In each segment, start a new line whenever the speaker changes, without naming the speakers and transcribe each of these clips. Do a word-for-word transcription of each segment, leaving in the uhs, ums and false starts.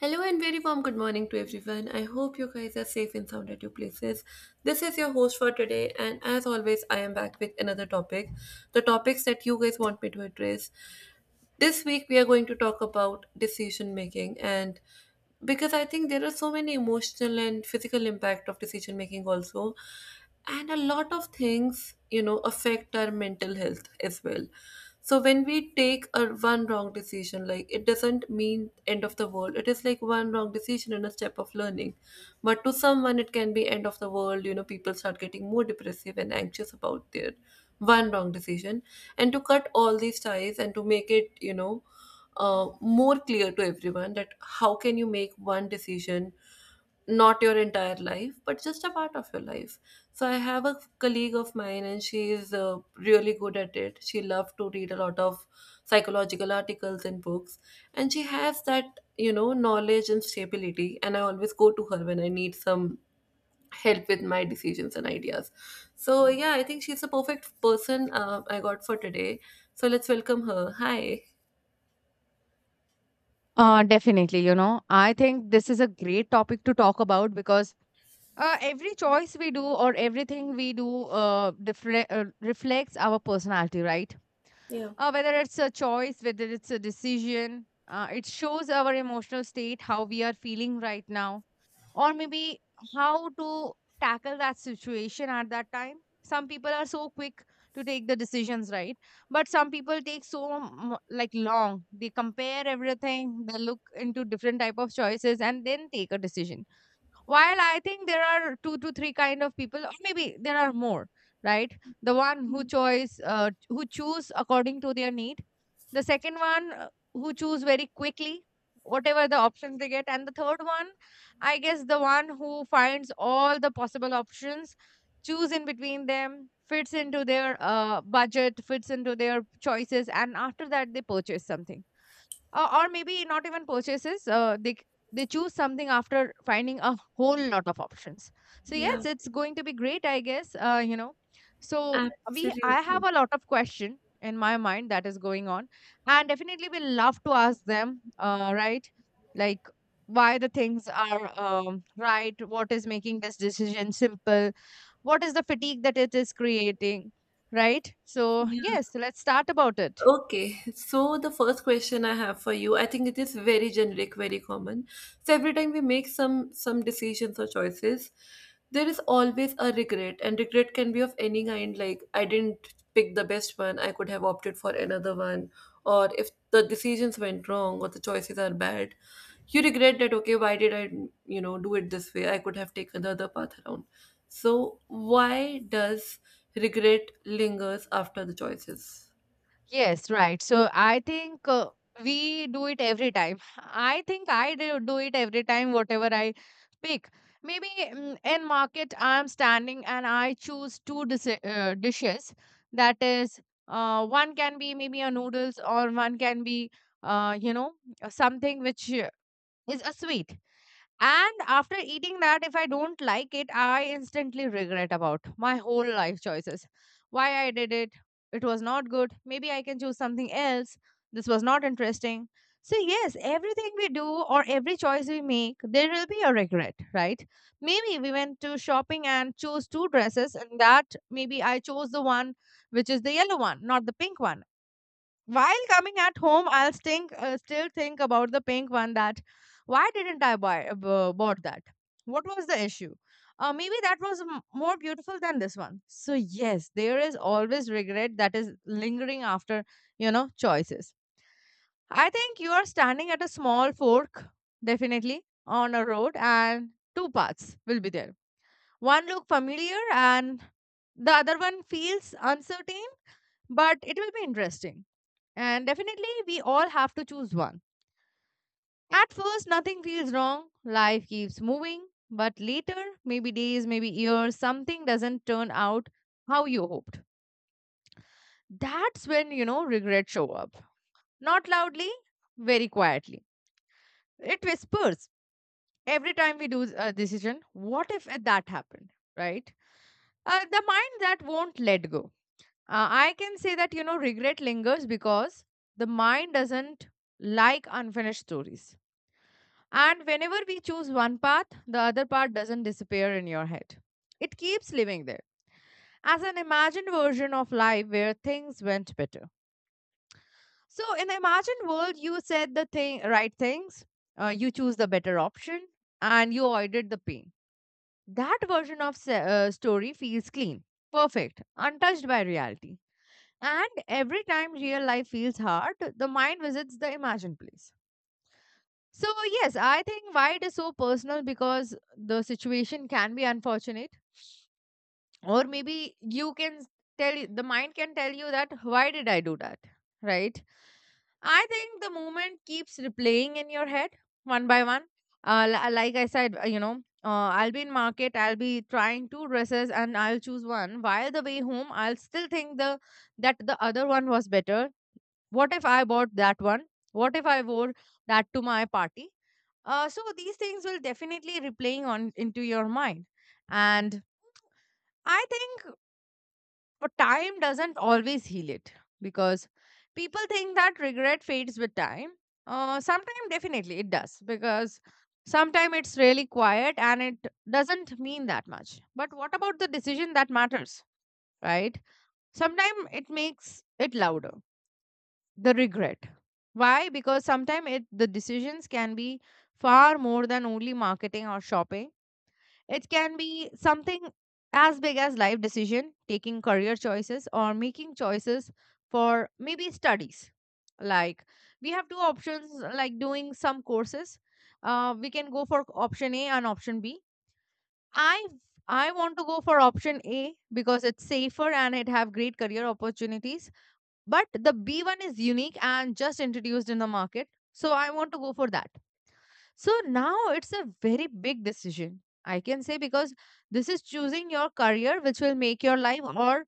Hello and very warm good morning to everyone. I hope you guys are safe and sound at your places. This is your host for today, and as always, I am back with another topic. The topics that you guys want me to address. This week, we are going to talk about decision making, and because I think there are so many emotional and physical impact of decision making also, and a lot of things, you know, affect our mental health as well. So when we take a one wrong decision, like it doesn't mean end of the world. It is like one wrong decision and a step of learning, but to someone it can be end of the world you know People start getting more depressive and anxious about their one wrong decision, and to cut all these ties and to make it you know uh, more clear to everyone that how can you make one decision, not your entire life but just a part of your life. So I have a colleague of mine, and she is uh, really good at it. She loved to read a lot of psychological articles and books, and she has that you know knowledge and stability, and I always go to her when I need some help with my decisions and ideas. So yeah, I think she's the perfect person uh, I got for today. So let's welcome her. Hi.
Uh, definitely, you know, I think this is a great topic to talk about because uh, every choice we do or everything we do uh, diffre- uh, reflects our personality, right?
Yeah.
Uh, whether it's a choice, whether it's a decision, uh, it shows our emotional state, how we are feeling right now, or maybe how to tackle that situation at that time. Some people are so quick to take the decisions, right, but some people take so m- like long, they compare everything, they look into different type of choices and then take a decision. While I think there are two to three kind of people or maybe there are more, right? The one who choice uh, who choose according to their need, the second one uh, who choose very quickly whatever the options they get, and the third one, I guess, the one who finds all the possible options, choose in between them, fits into their uh, budget, fits into their choices, and after that they purchase something. Or or maybe not even purchases, uh, they c- they choose something after finding a whole lot of options. So
Yeah,
yes, it's going to be great, I guess, uh, you know. So we I have
absolutely.
a lot of question in my mind that is going on, and definitely we love to ask them, uh, right? Like, why the things are, um, right, what is making this decision simple, what is the fatigue that it is creating, right? So
Yeah.
yes, let's start about it.
Okay, so the first question I have for you, I think it is very generic, very common. So every time we make some some decisions or choices, there is always a regret, and regret can be of any kind, like I didn't pick the best one, I could have opted for another one, or if the decisions went wrong or the choices are bad, you regret that, okay, why did I, you know, do it this way? I could have taken the other path around. So why does regret lingers after the choices?
Yes, right. So I think, uh, we do it every time. I think I do do it every time, whatever I pick. Maybe, mm, in market, I'm standing and I choose two dis uh, dishes. That is, uh, one can be maybe a noodles, or one can be, uh, you know, something which uh, is a sweet. And after eating that, if I don't like it, I instantly regret about my whole life choices. Why I did it. It was not good. Maybe I can choose something else. This was not interesting. So yes, everything we do or every choice we make, there will be a regret, right? Maybe we went to shopping and chose two dresses, and that maybe I chose the one which is the yellow one, not the pink one. While coming at home, I'll think, uh, still think about the pink one, that why didn't I buy uh, bought that? What was the issue? Uh, maybe that was m- more beautiful than this one. So yes, there is always regret that is lingering after, you know, choices. I think you are standing at a small fork, definitely on a road, and two paths will be there. One look familiar, and the other one feels uncertain, but it will be interesting, and definitely, we all have to choose one. At first, nothing feels wrong, life keeps moving. But later, maybe days, maybe years, something doesn't turn out how you hoped. That's when, you know, regrets show up. Not loudly, very quietly. It whispers every time we do a decision, what if that happened, right? Uh, the mind that won't let go. Uh, I can say that, you know, regret lingers because the mind doesn't like unfinished stories. And whenever we choose one path, the other part doesn't disappear in your head. It keeps living there as an imagined version of life where things went better. So in the imagined world, you said the thing, right things, uh, you choose the better option, and you avoided the pain. That version of se- uh, story feels clean, perfect, untouched by reality. And every time real life feels hard, the mind visits the imagined place. So yes, I think why it is so personal, because the situation can be unfortunate, or maybe you can s- tell y- the mind can tell you that why did I do that, right? I think the moment keeps replaying in your head one by one. Uh, li- like I said, uh, you know, uh, I'll be in market, I'll be trying two dresses, and I'll choose one. While the way home, I'll still think the that the other one was better, what if I bought that one, what if I wore that to my party. Uh, so these things will definitely replaying on into your mind. And I think time doesn't always heal it, because people think that regret fades with time. Uh, sometimes definitely it does, because sometimes it's really quiet and it doesn't mean that much, but what about the decision that matters, right? Sometimes it makes it louder, the regret. Why? Because sometimes it the decisions can be far more than only marketing or shopping. It can be something as big as life decision, taking career choices or making choices for maybe studies. Like, we have two options like doing some courses. Uh, we can go for option A and option B. I I want to go for option A because it's safer and it have great career opportunities, but the B one is unique and just introduced in the market. So I want to go for that. So now it's a very big decision, I can say, because this is choosing your career, which will make your life, or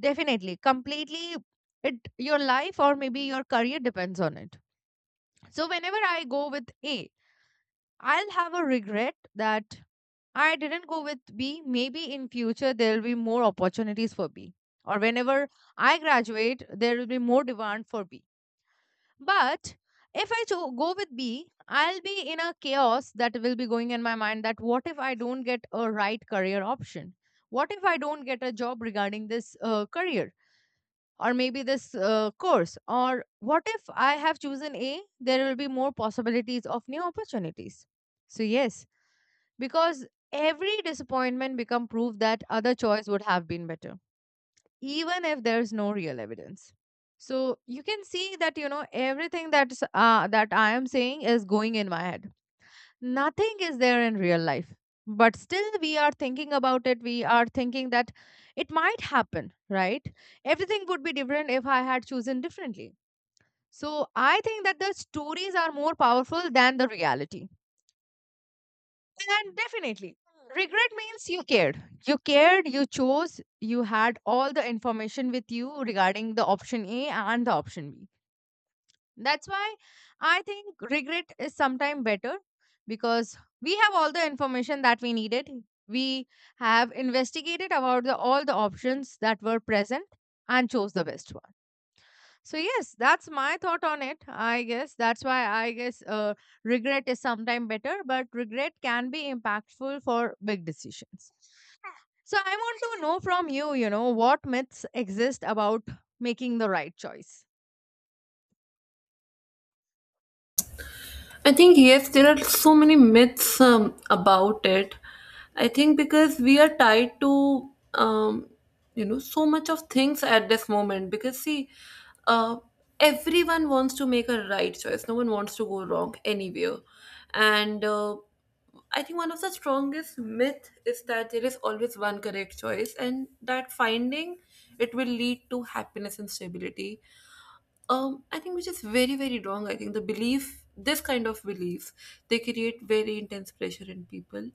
definitely completely it your life, or maybe your career depends on it. So whenever I go with A, I'll have a regret that I didn't go with B. Maybe in future there will be more opportunities for B. Or whenever I graduate, there will be more demand for B. But if I cho- go with B, I'll be in a chaos that will be going in my mind, that what if I don't get a right career option? What if I don't get a job regarding this uh, career, or maybe this uh, course? Or what if I have chosen A, there will be more possibilities of new opportunities. So yes, because every disappointment become proof that other choice would have been better, even if there's no real evidence. So you can see that, you know, everything that's uh, that I am saying is going in my head, nothing is there in real life, but still we are thinking about it. We are thinking that it might happen, right? Everything would be different if I had chosen differently. So I think that the stories are more powerful than the reality. And definitely, regret means you cared. You cared, you chose, you had all the information with you regarding the option A and the option B. That's why I think regret is sometimes better, because we have all the information that we needed. We have investigated about the, all the options that were present, and chose the best one. So yes, that's my thought on it. I guess that's why, I guess, uh, regret is sometimes better, but regret can be impactful for big decisions. So I want to know from you, you know, what myths exist about making the right choice.
I think yes, there are so many myths um, about it. I think because we are tied to um, you know so much of things at this moment. Because see, uh, everyone wants to make a right choice. No one wants to go wrong anywhere, and uh, I think one of the strongest myth is that there is always one correct choice, and that finding it will lead to happiness and stability. um I think, which is very very wrong. I think the belief, this kind of beliefs, they create very intense pressure in people.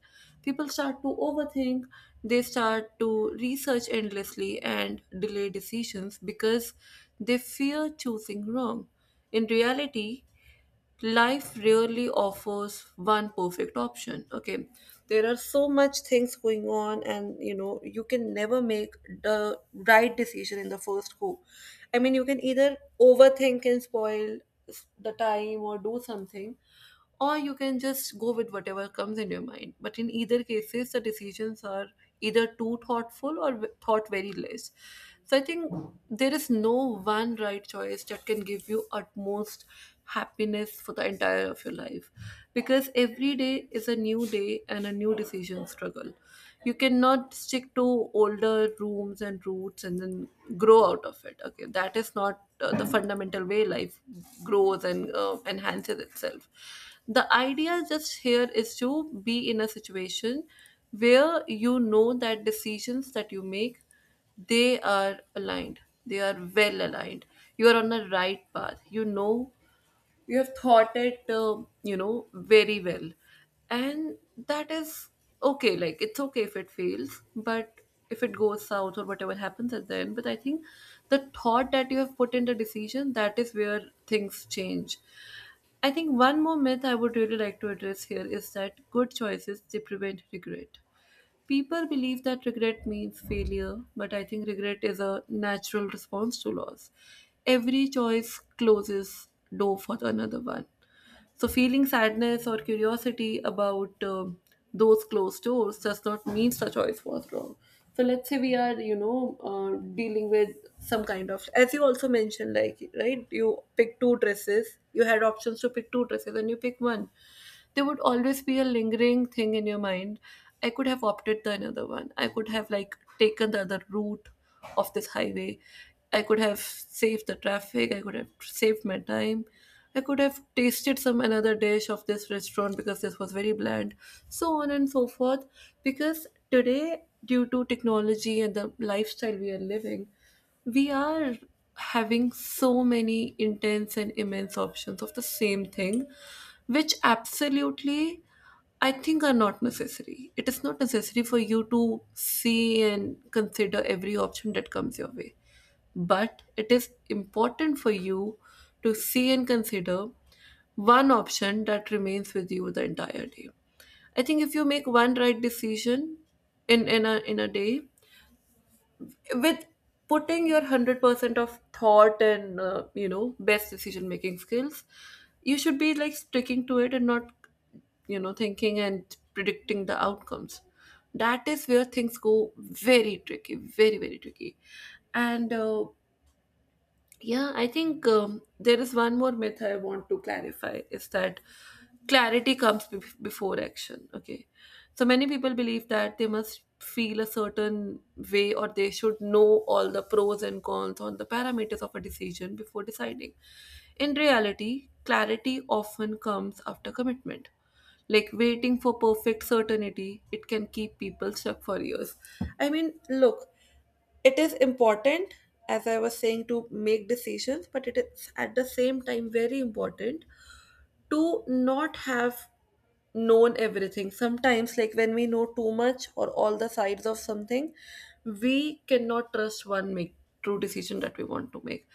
People start to overthink. They start to research endlessly and delay decisions because they fear choosing wrong. In reality, life really offers one perfect option. Okay, there are so much things going on, and you know you can never make the right decision in the first go. I mean, you can either overthink and spoil s- the time or do something, or you can just go with whatever comes in your mind. But in either cases, the decisions are either too thoughtful or w- thought very less. So I think there is no one right choice that can give you utmost happiness for the entire of your life, because every day is a new day and a new decision struggle. You cannot stick to older rooms and roots and then grow out of it. Okay, that is not uh, the fundamental way life grows and uh, enhances itself. The idea just here is to be in a situation where you know that decisions that you make, they are aligned, they are well aligned, you are on the right path you know You have thought it uh, you know very well, and that is okay. Like, it's okay if it fails, but if it goes south or whatever happens at the end, but I think the thought that you have put in the decision, that is where things change. I think one more myth I would really like to address here is that good choices, they prevent regret. People believe that regret means failure, but I think regret is a natural response to loss. Every choice closes door for another one. So feeling sadness or curiosity about um those closed doors does not mean the choice was wrong. So let's say we are, you know, uh, dealing with some kind of, as you also mentioned, like right, you pick two dresses. You had options to pick two dresses, and you pick one. There would always be a lingering thing in your mind. I could have opted the another one, I could have like taken the other route of this highway, I could have saved the traffic, I could have saved my time, I could have tasted some another dish of this restaurant because this was very bland, so on and so forth. Because today, due to technology and the lifestyle we are living, we are having so many intense and immense options of the same thing, which absolutely I think are not necessary. It is not necessary for you to see and consider every option that comes your way, but it is important for you to see and consider one option that remains with you the entire day. I think if you make one right decision in in a in a day, with putting your one hundred percent of thought and uh, you know best decision making skills, you should be like sticking to it, and not you know thinking and predicting the outcomes. That is where things go very tricky, very very tricky. And uh, yeah, I think um, there is one more myth I want to clarify is that clarity comes be- before action. Okay. So many people believe that they must feel a certain way, or they should know all the pros and cons on the parameters of a decision before deciding. In reality, clarity often comes after commitment. Like, waiting for perfect certainty, it can keep people stuck for years. I mean, look, it is important, as I was saying, to make decisions, but it is at the same time very important to not have known everything sometimes. Like when we know too much or all the sides of something, we cannot trust one make true decision that we want to make.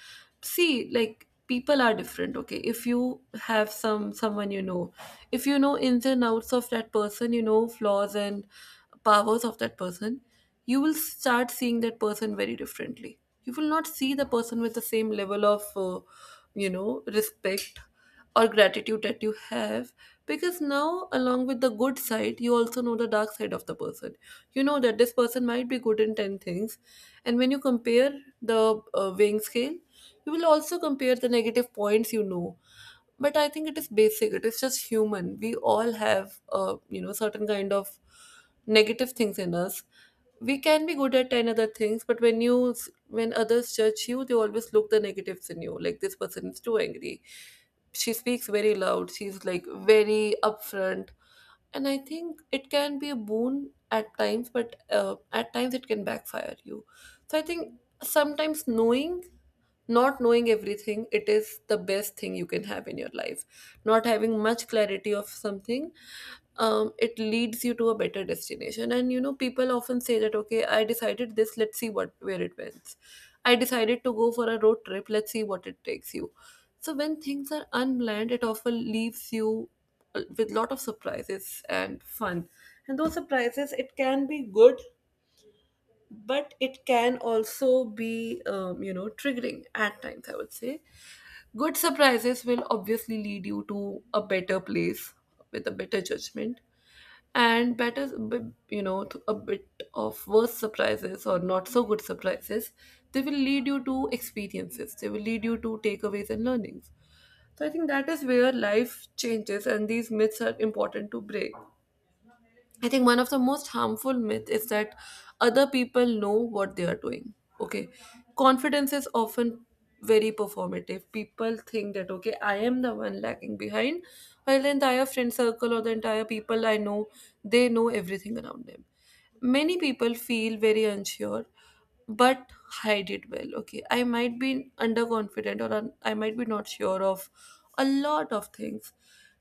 See, like people are different. Okay, if you have some someone you know, if you know ins and outs of that person, you know flaws and powers of that person, you will start seeing that person very differently. You will not see the person with the same level of uh, you know respect or gratitude that you have, because now, along with the good side, you also know the dark side of the person. You know that this person might be good in ten things, and when you compare the uh, weighing scale, you will also compare the negative points you know But I think it is basic, it is just human. We all have uh, you know certain kind of negative things in us. We can be good at ten other things, but when you s- when others judge you, they always look the negatives in you. Like this person is too angry. She speaks very loud. She's like very upfront, and I think it can be a boon at times, but uh, at times it can backfire you. So I think sometimes knowing, not knowing everything, it is the best thing you can have in your life. Not having much clarity of something, um, it leads you to a better destination. And you know people often say that okay, I decided this, let's see what where it went. I decided to go for a road trip. Let's see what it takes you. So when things are unplanned, it often leaves you uh, with lot of surprises and fun. And those surprises, it can be good, but it can also be, um, you know, triggering at times. I would say, good surprises will obviously lead you to a better place with a better judgment and better b- you know th- a bit of worse surprises or not so good surprises, they will lead you to experiences, they will lead you to takeaways and learnings. So I think that is where life changes, and these myths are important to break. I think one of the most harmful myth is that other people know what they are doing. Okay. Confidence is often very performative. People think that okay, I am the one lagging behind, while the entire friend circle or the entire people I know, they know everything around them. Many people feel very unsure but hide it well. Okay, I might be underconfident or un- I might be not sure of a lot of things,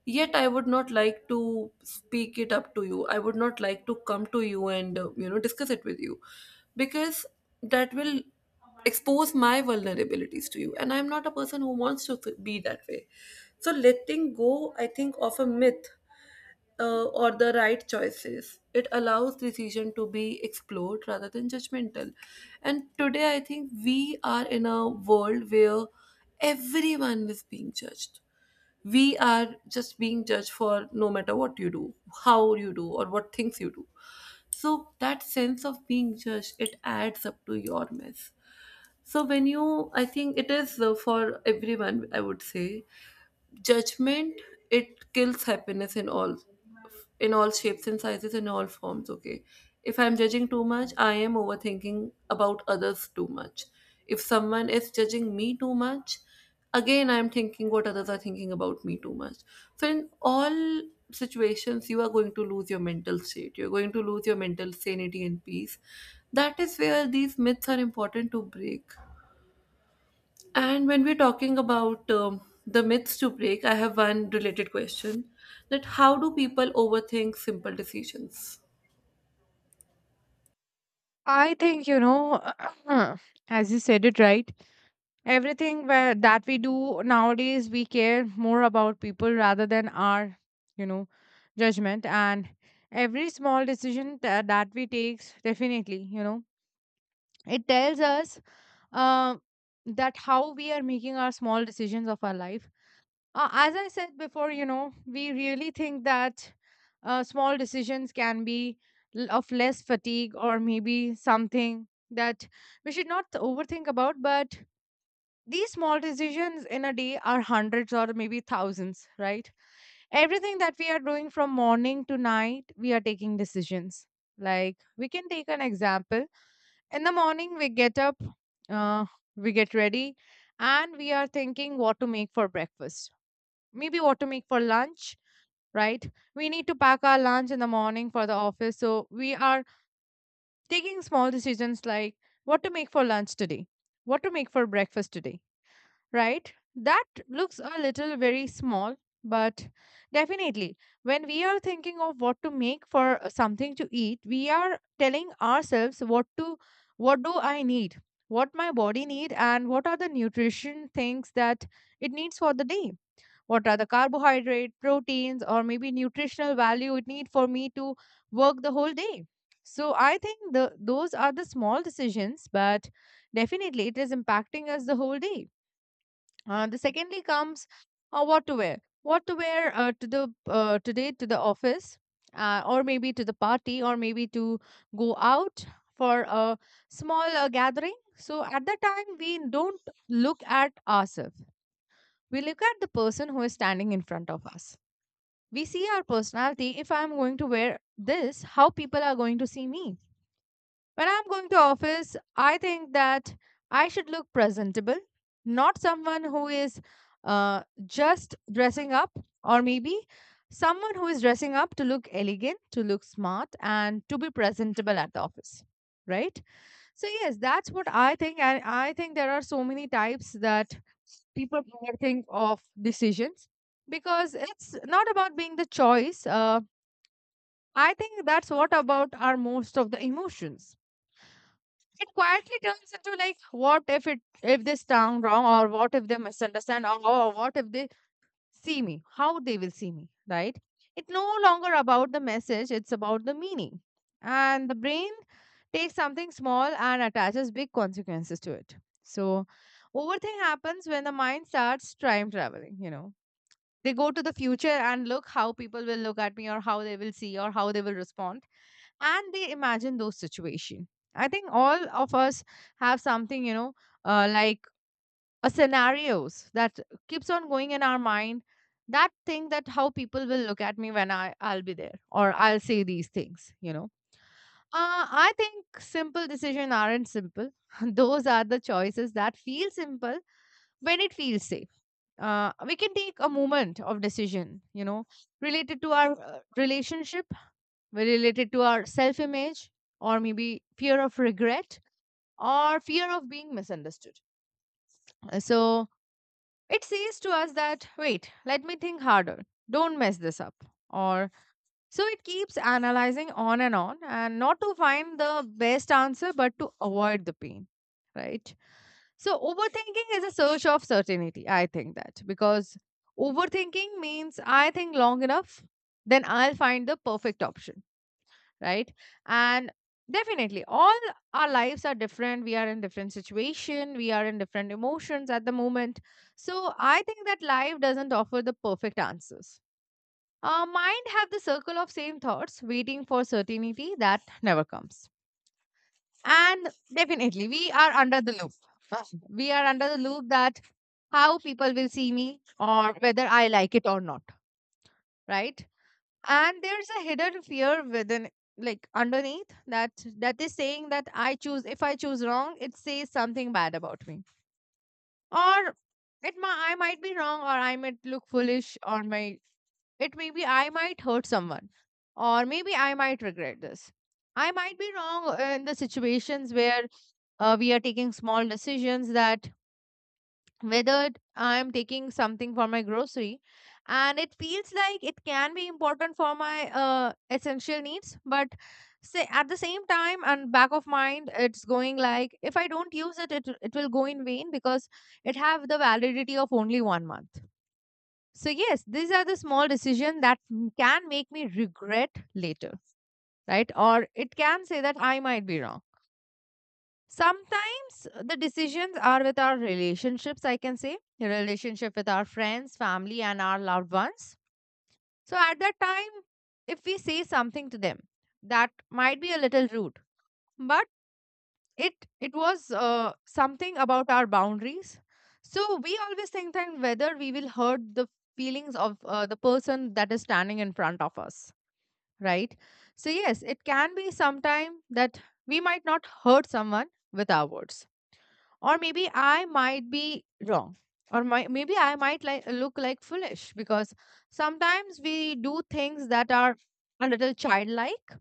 yet I would not like to speak it up to you. I would not like to come to you and uh, you know discuss it with you, because that will expose my vulnerabilities to you, and I'm not a person who wants to f- be that way. So letting go, I think, of a myth uh, or the right choices. It allows decision to be explored rather than judgmental. And today, I think we are in a world where everyone is being judged. We are just being judged for no matter what you do, how you do, or what things you do. So that sense of being judged, it adds up to your mess. So when you, I think it is, uh, for everyone, I would say judgment, it kills happiness in all, in all shapes and sizes, in all forms. Okay, if I'm judging too much, I am overthinking about others too much. If someone is judging me too much, again I'm thinking what others are thinking about me too much. So in all situations you are going to lose your mental state, you're going to lose your mental sanity and peace. That is where these myths are important to break. And when we're talking about um, the myths to break, I have one related question, that how do people overthink simple decisions?
I think, you know, as you said it right, everything where, that we do nowadays, we care more about people rather than our, you know, judgment. And every small decision tha- that we takes, definitely, you know, it tells us uh, that how we are making our small decisions of our life. Uh, as I said before, you know, we really think that uh, small decisions can be l- of less fatigue, or maybe something that we should not overthink about, but these small decisions in a day are hundreds or maybe thousands, right? Everything that we are doing from morning to night, we are taking decisions. Like, we can take an example: in the morning, we get up, uh, we get ready, and we are thinking what to make for breakfast. Maybe what to make for lunch, right? We need to pack our lunch in the morning for the office. So we are taking small decisions like what to make for lunch today, what to make for breakfast today, right? That looks a little very small, but definitely, when we are thinking of what to make for uh, something to eat, we are telling ourselves what to, what do I need, what my body need, and what are the nutrition things that it needs for the day. What are the carbohydrate, proteins, or maybe nutritional value it need for me to work the whole day? So I think the those are the small decisions, but definitely it is impacting us the whole day. Uh, the secondly comes, uh, what to wear. What to wear uh, to the uh, today to the office, uh, or maybe to the party, or maybe to go out for a small uh, gathering. So at that time, we don't look at ourselves. We look at the person who is standing in front of us. We see our personality. If I'm going to wear this, how people are going to see me? When I'm going to office, I think that I should look presentable, not someone who is uh, just dressing up, or maybe someone who is dressing up to look elegant, to look smart, and to be presentable at the office. Right? So yes, that's what I think. And I think there are so many types that people think of decisions because it's not about being the choice. Uh, I think that's what about are most of the emotions. It quietly turns into like, what if it if they sound wrong, or what if they misunderstand, or, or what if they see me, how they will see me, right? It's no longer about the message, it's about the meaning. And the brain takes something small and attaches big consequences to it. So overthink happens when the mind starts time traveling, you know they go to the future and look how people will look at me, or how they will see, or how they will respond, and they imagine those situation. I think all of us have something you know uh, Like, a scenarios that keeps on going in our mind. That thing, that how people will look at me when i i'll be there, or I'll say these things you know uh, I think simple decisions aren't simple. Those are the choices that feel simple when it feels safe. Uh, we can take a moment of decision you know related to our uh, relationship, related to our self image, or maybe fear of regret, or fear of being misunderstood. Uh, So it says to us that, wait, let me think harder. Don't mess this up. Or so it keeps analyzing on and on, and not to find the best answer, but to avoid the pain. Right. So overthinking is a search of certainty. I think that because overthinking means I think long enough, then I'll find the perfect option, right? And definitely all our lives are different, we are in different situation, we are in different emotions at the moment. So I think that life doesn't offer the perfect answers. Our mind have the circle of same thoughts waiting for certainty that never comes. And definitely we are under the loop. Uh, we are under the loop, that how people will see me, or whether I like it or not, right? And there's a hidden fear within, like underneath that, that is saying that I choose if I choose wrong it says something bad about me. Or it ma I might be wrong, or I might look foolish, or my it may be I might hurt someone, or maybe I might regret this. I might be wrong uh, in the situations where uh, we are taking small decisions, that whether I'm taking something for my grocery. And it feels like it can be important for my uh, essential needs, but say at the same time and back of mind, it's going like, if I don't use it, it it will go in vain because it have the validity of only one month. So yes, these are the small decision that m- can make me regret later, right? Or it can say that I might be wrong. Sometimes the decisions are with our relationships, I can say, relationship with our friends, family, and our loved ones. So at that time, if we say something to them, that might be a little rude, but it it was uh, something about our boundaries. So we always think that whether we will hurt the feelings of uh, the person that is standing in front of us, right? So yes, it can be sometime that we might not hurt someone with our words, or maybe I might be wrong, or my, maybe I might like look like foolish, because sometimes we do things that are a little childlike,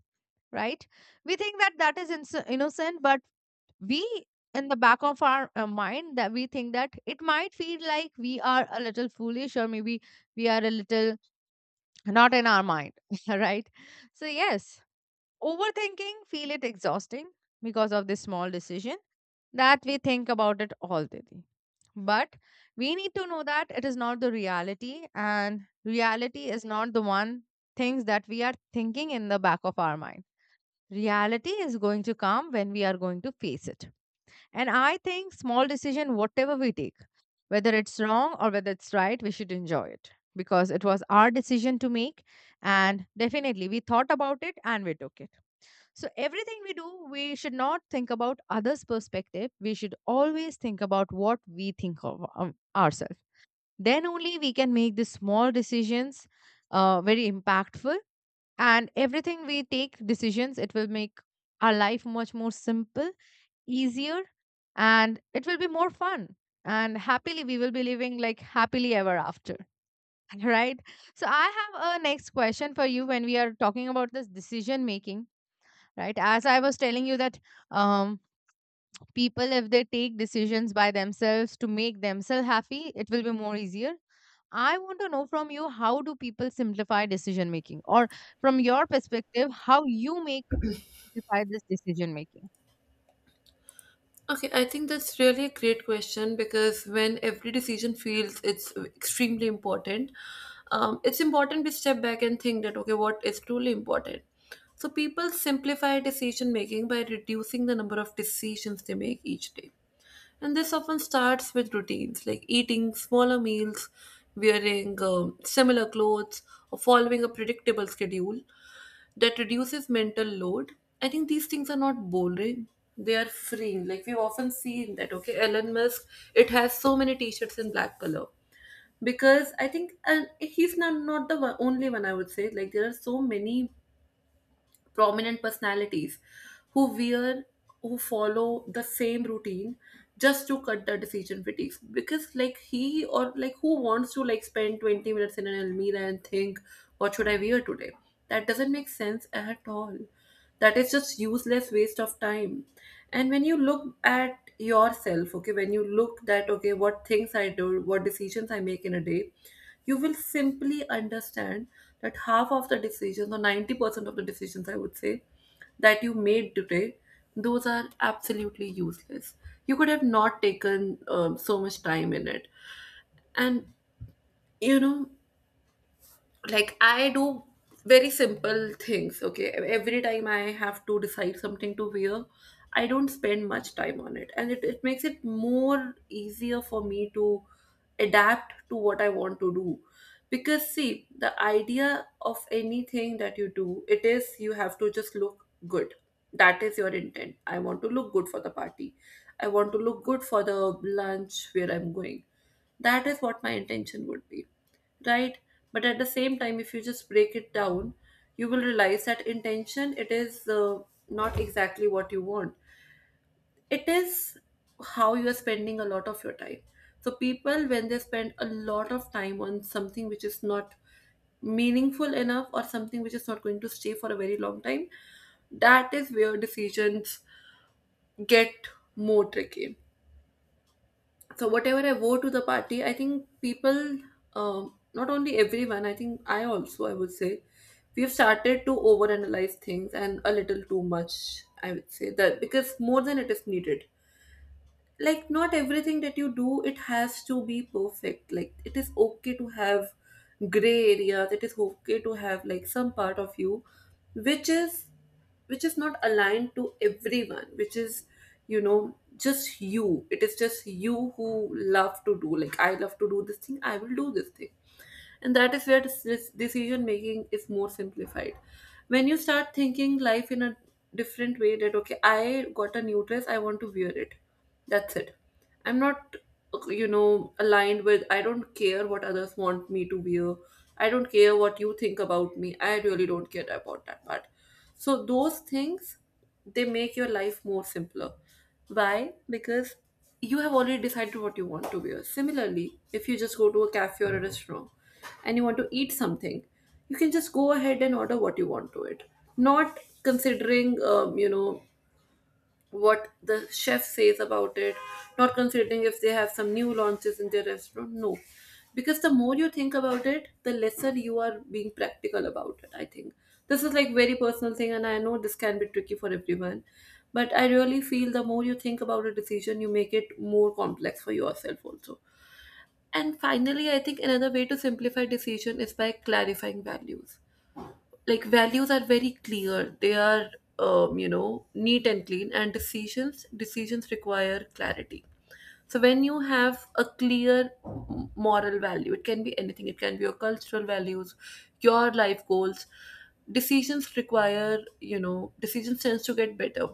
right? We think that that is inso- innocent, but we, in the back of our uh, mind, that we think that it might feel like we are a little foolish, or maybe we are a little not in our mind. Right. So yes, overthinking feel it exhausting because of this small decision that we think about it all day. But we need to know that it is not the reality, and reality is not the one things that we are thinking in the back of our mind. Reality is going to come when we are going to face it. And I think small decision, whatever we take, whether it's wrong or whether it's right, we should enjoy it because it was our decision to make. And definitely we thought about it and we took it. So everything we do, we should not think about others' perspective. We should always think about what we think of um, ourselves. Then only we can make the small decisions uh, very impactful. And everything we take decisions, it will make our life much more simple, easier, and it will be more fun. And happily, we will be living like happily ever after. Right. So I have a next question for you. When we are talking about this decision making, right, as I was telling you that, um, people, if they take decisions by themselves to make themselves happy, it will be more easier. I want to know from you, how do people simplify decision making, or from your perspective, how you make simplify this decision making?
Okay, I think that's really a great question, because when every decision feels it's extremely important, um, it's important we step back and think that okay, what is truly important. So people simplify decision making by reducing the number of decisions they make each day. And this often starts with routines like eating smaller meals, wearing um, similar clothes, or following a predictable schedule that reduces mental load. I think these things are not boring. They are freeing. Like we've often seen that, okay, Elon Musk, it has so many t-shirts in black color. Because I think, and he's not, not the one, only one I would say. Like there are so many prominent personalities who wear, who follow the same routine just to cut the decision fatigue, because like he, or like who wants to like spend twenty minutes in an almirah and think what should I wear today? That doesn't make sense at all. That is just useless waste of time. And when you look at yourself, okay, when you look that okay what things I do, what decisions I make in a day, you will simply understand that half of the decisions, or ninety percent of the decisions I would say, that you made today, those are absolutely useless. You could have not taken um, so much time in it. And you know, like, I do very simple things. Okay, every time I have to decide something to wear, I don't spend much time on it, and it, it makes it more easier for me to adapt to what I want to do. Because see, the idea of anything that you do, it is you have to just look good. That is your intent. I want to look good for the party, I want to look good for the lunch where I'm going. That is what my intention would be, right? But at the same time, if you just break it down, you will realize that intention, it is uh, not exactly what you want. It is how you are spending a lot of your time. So people, when they spend a lot of time on something which is not meaningful enough, or something which is not going to stay for a very long time, that is where decisions get more tricky. So whatever I wore to the party, I think people, um, not only everyone, I think I also, I would say, we've started to overanalyze things, and a little too much, I would say that, because more than it is needed. Like not everything that you do, it has to be perfect. Like it is okay to have gray areas, it is okay to have like some part of you which is, which is not aligned to everyone, which is, you know, just you. It is just you who love to do, like I love to do this thing, I will do this thing. And that is where this decision making is more simplified, when you start thinking life in a different way, that okay, I got a new dress, I want to wear it. That's it. I'm not, you know, aligned with, I don't care what others want me to wear. I don't care what you think about me, I really don't care about that part. So those things, they make your life more simpler. Why? Because you have already decided what you want to wear. Similarly, if you just go to a cafe or a restaurant and you want to eat something, you can just go ahead and order what you want to it. Not considering, um, you know, what the chef says about it, not considering if they have some new launches in their restaurant. No. Because the more you think about it, the lesser you are being practical about it, I think. This is like very personal thing, and I know this can be tricky for everyone. But I really feel the more you think about a decision, you make it more complex for yourself also. And finally, I think another way to simplify decision is by clarifying values. Like values are very clear, they are um, you know, neat and clean, and decisions decisions require clarity. So when you have a clear m- moral value, it can be anything, it can be your cultural values, your life goals. Decisions require, you know, decisions tends to get better.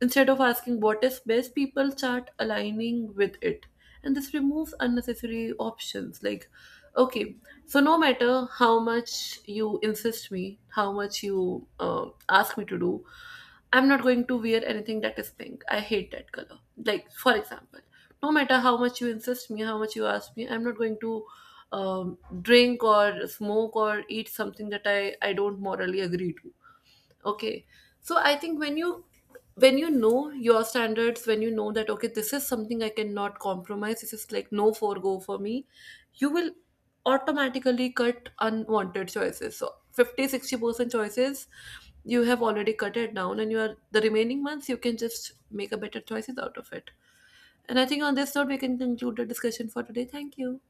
Instead of asking what is best, people start aligning with it. And this removes unnecessary options. Like, okay, so no matter how much you insist me, how much you uh, ask me to do, I'm not going to wear anything that is pink. I hate that color. Like, for example, no matter how much you insist me, how much you ask me, I'm not going to um, drink or smoke or eat something that i i don't morally agree to. Okay, so I think when you, when you know your standards, when you know that okay, this is something I cannot compromise, this is like no forego for me, you will automatically cut unwanted choices. So fifty, sixty percent choices you have already cut it down, and you are the remaining ones, you can just make a better choices out of it. And I think on this note, we can conclude the discussion for today. Thank you.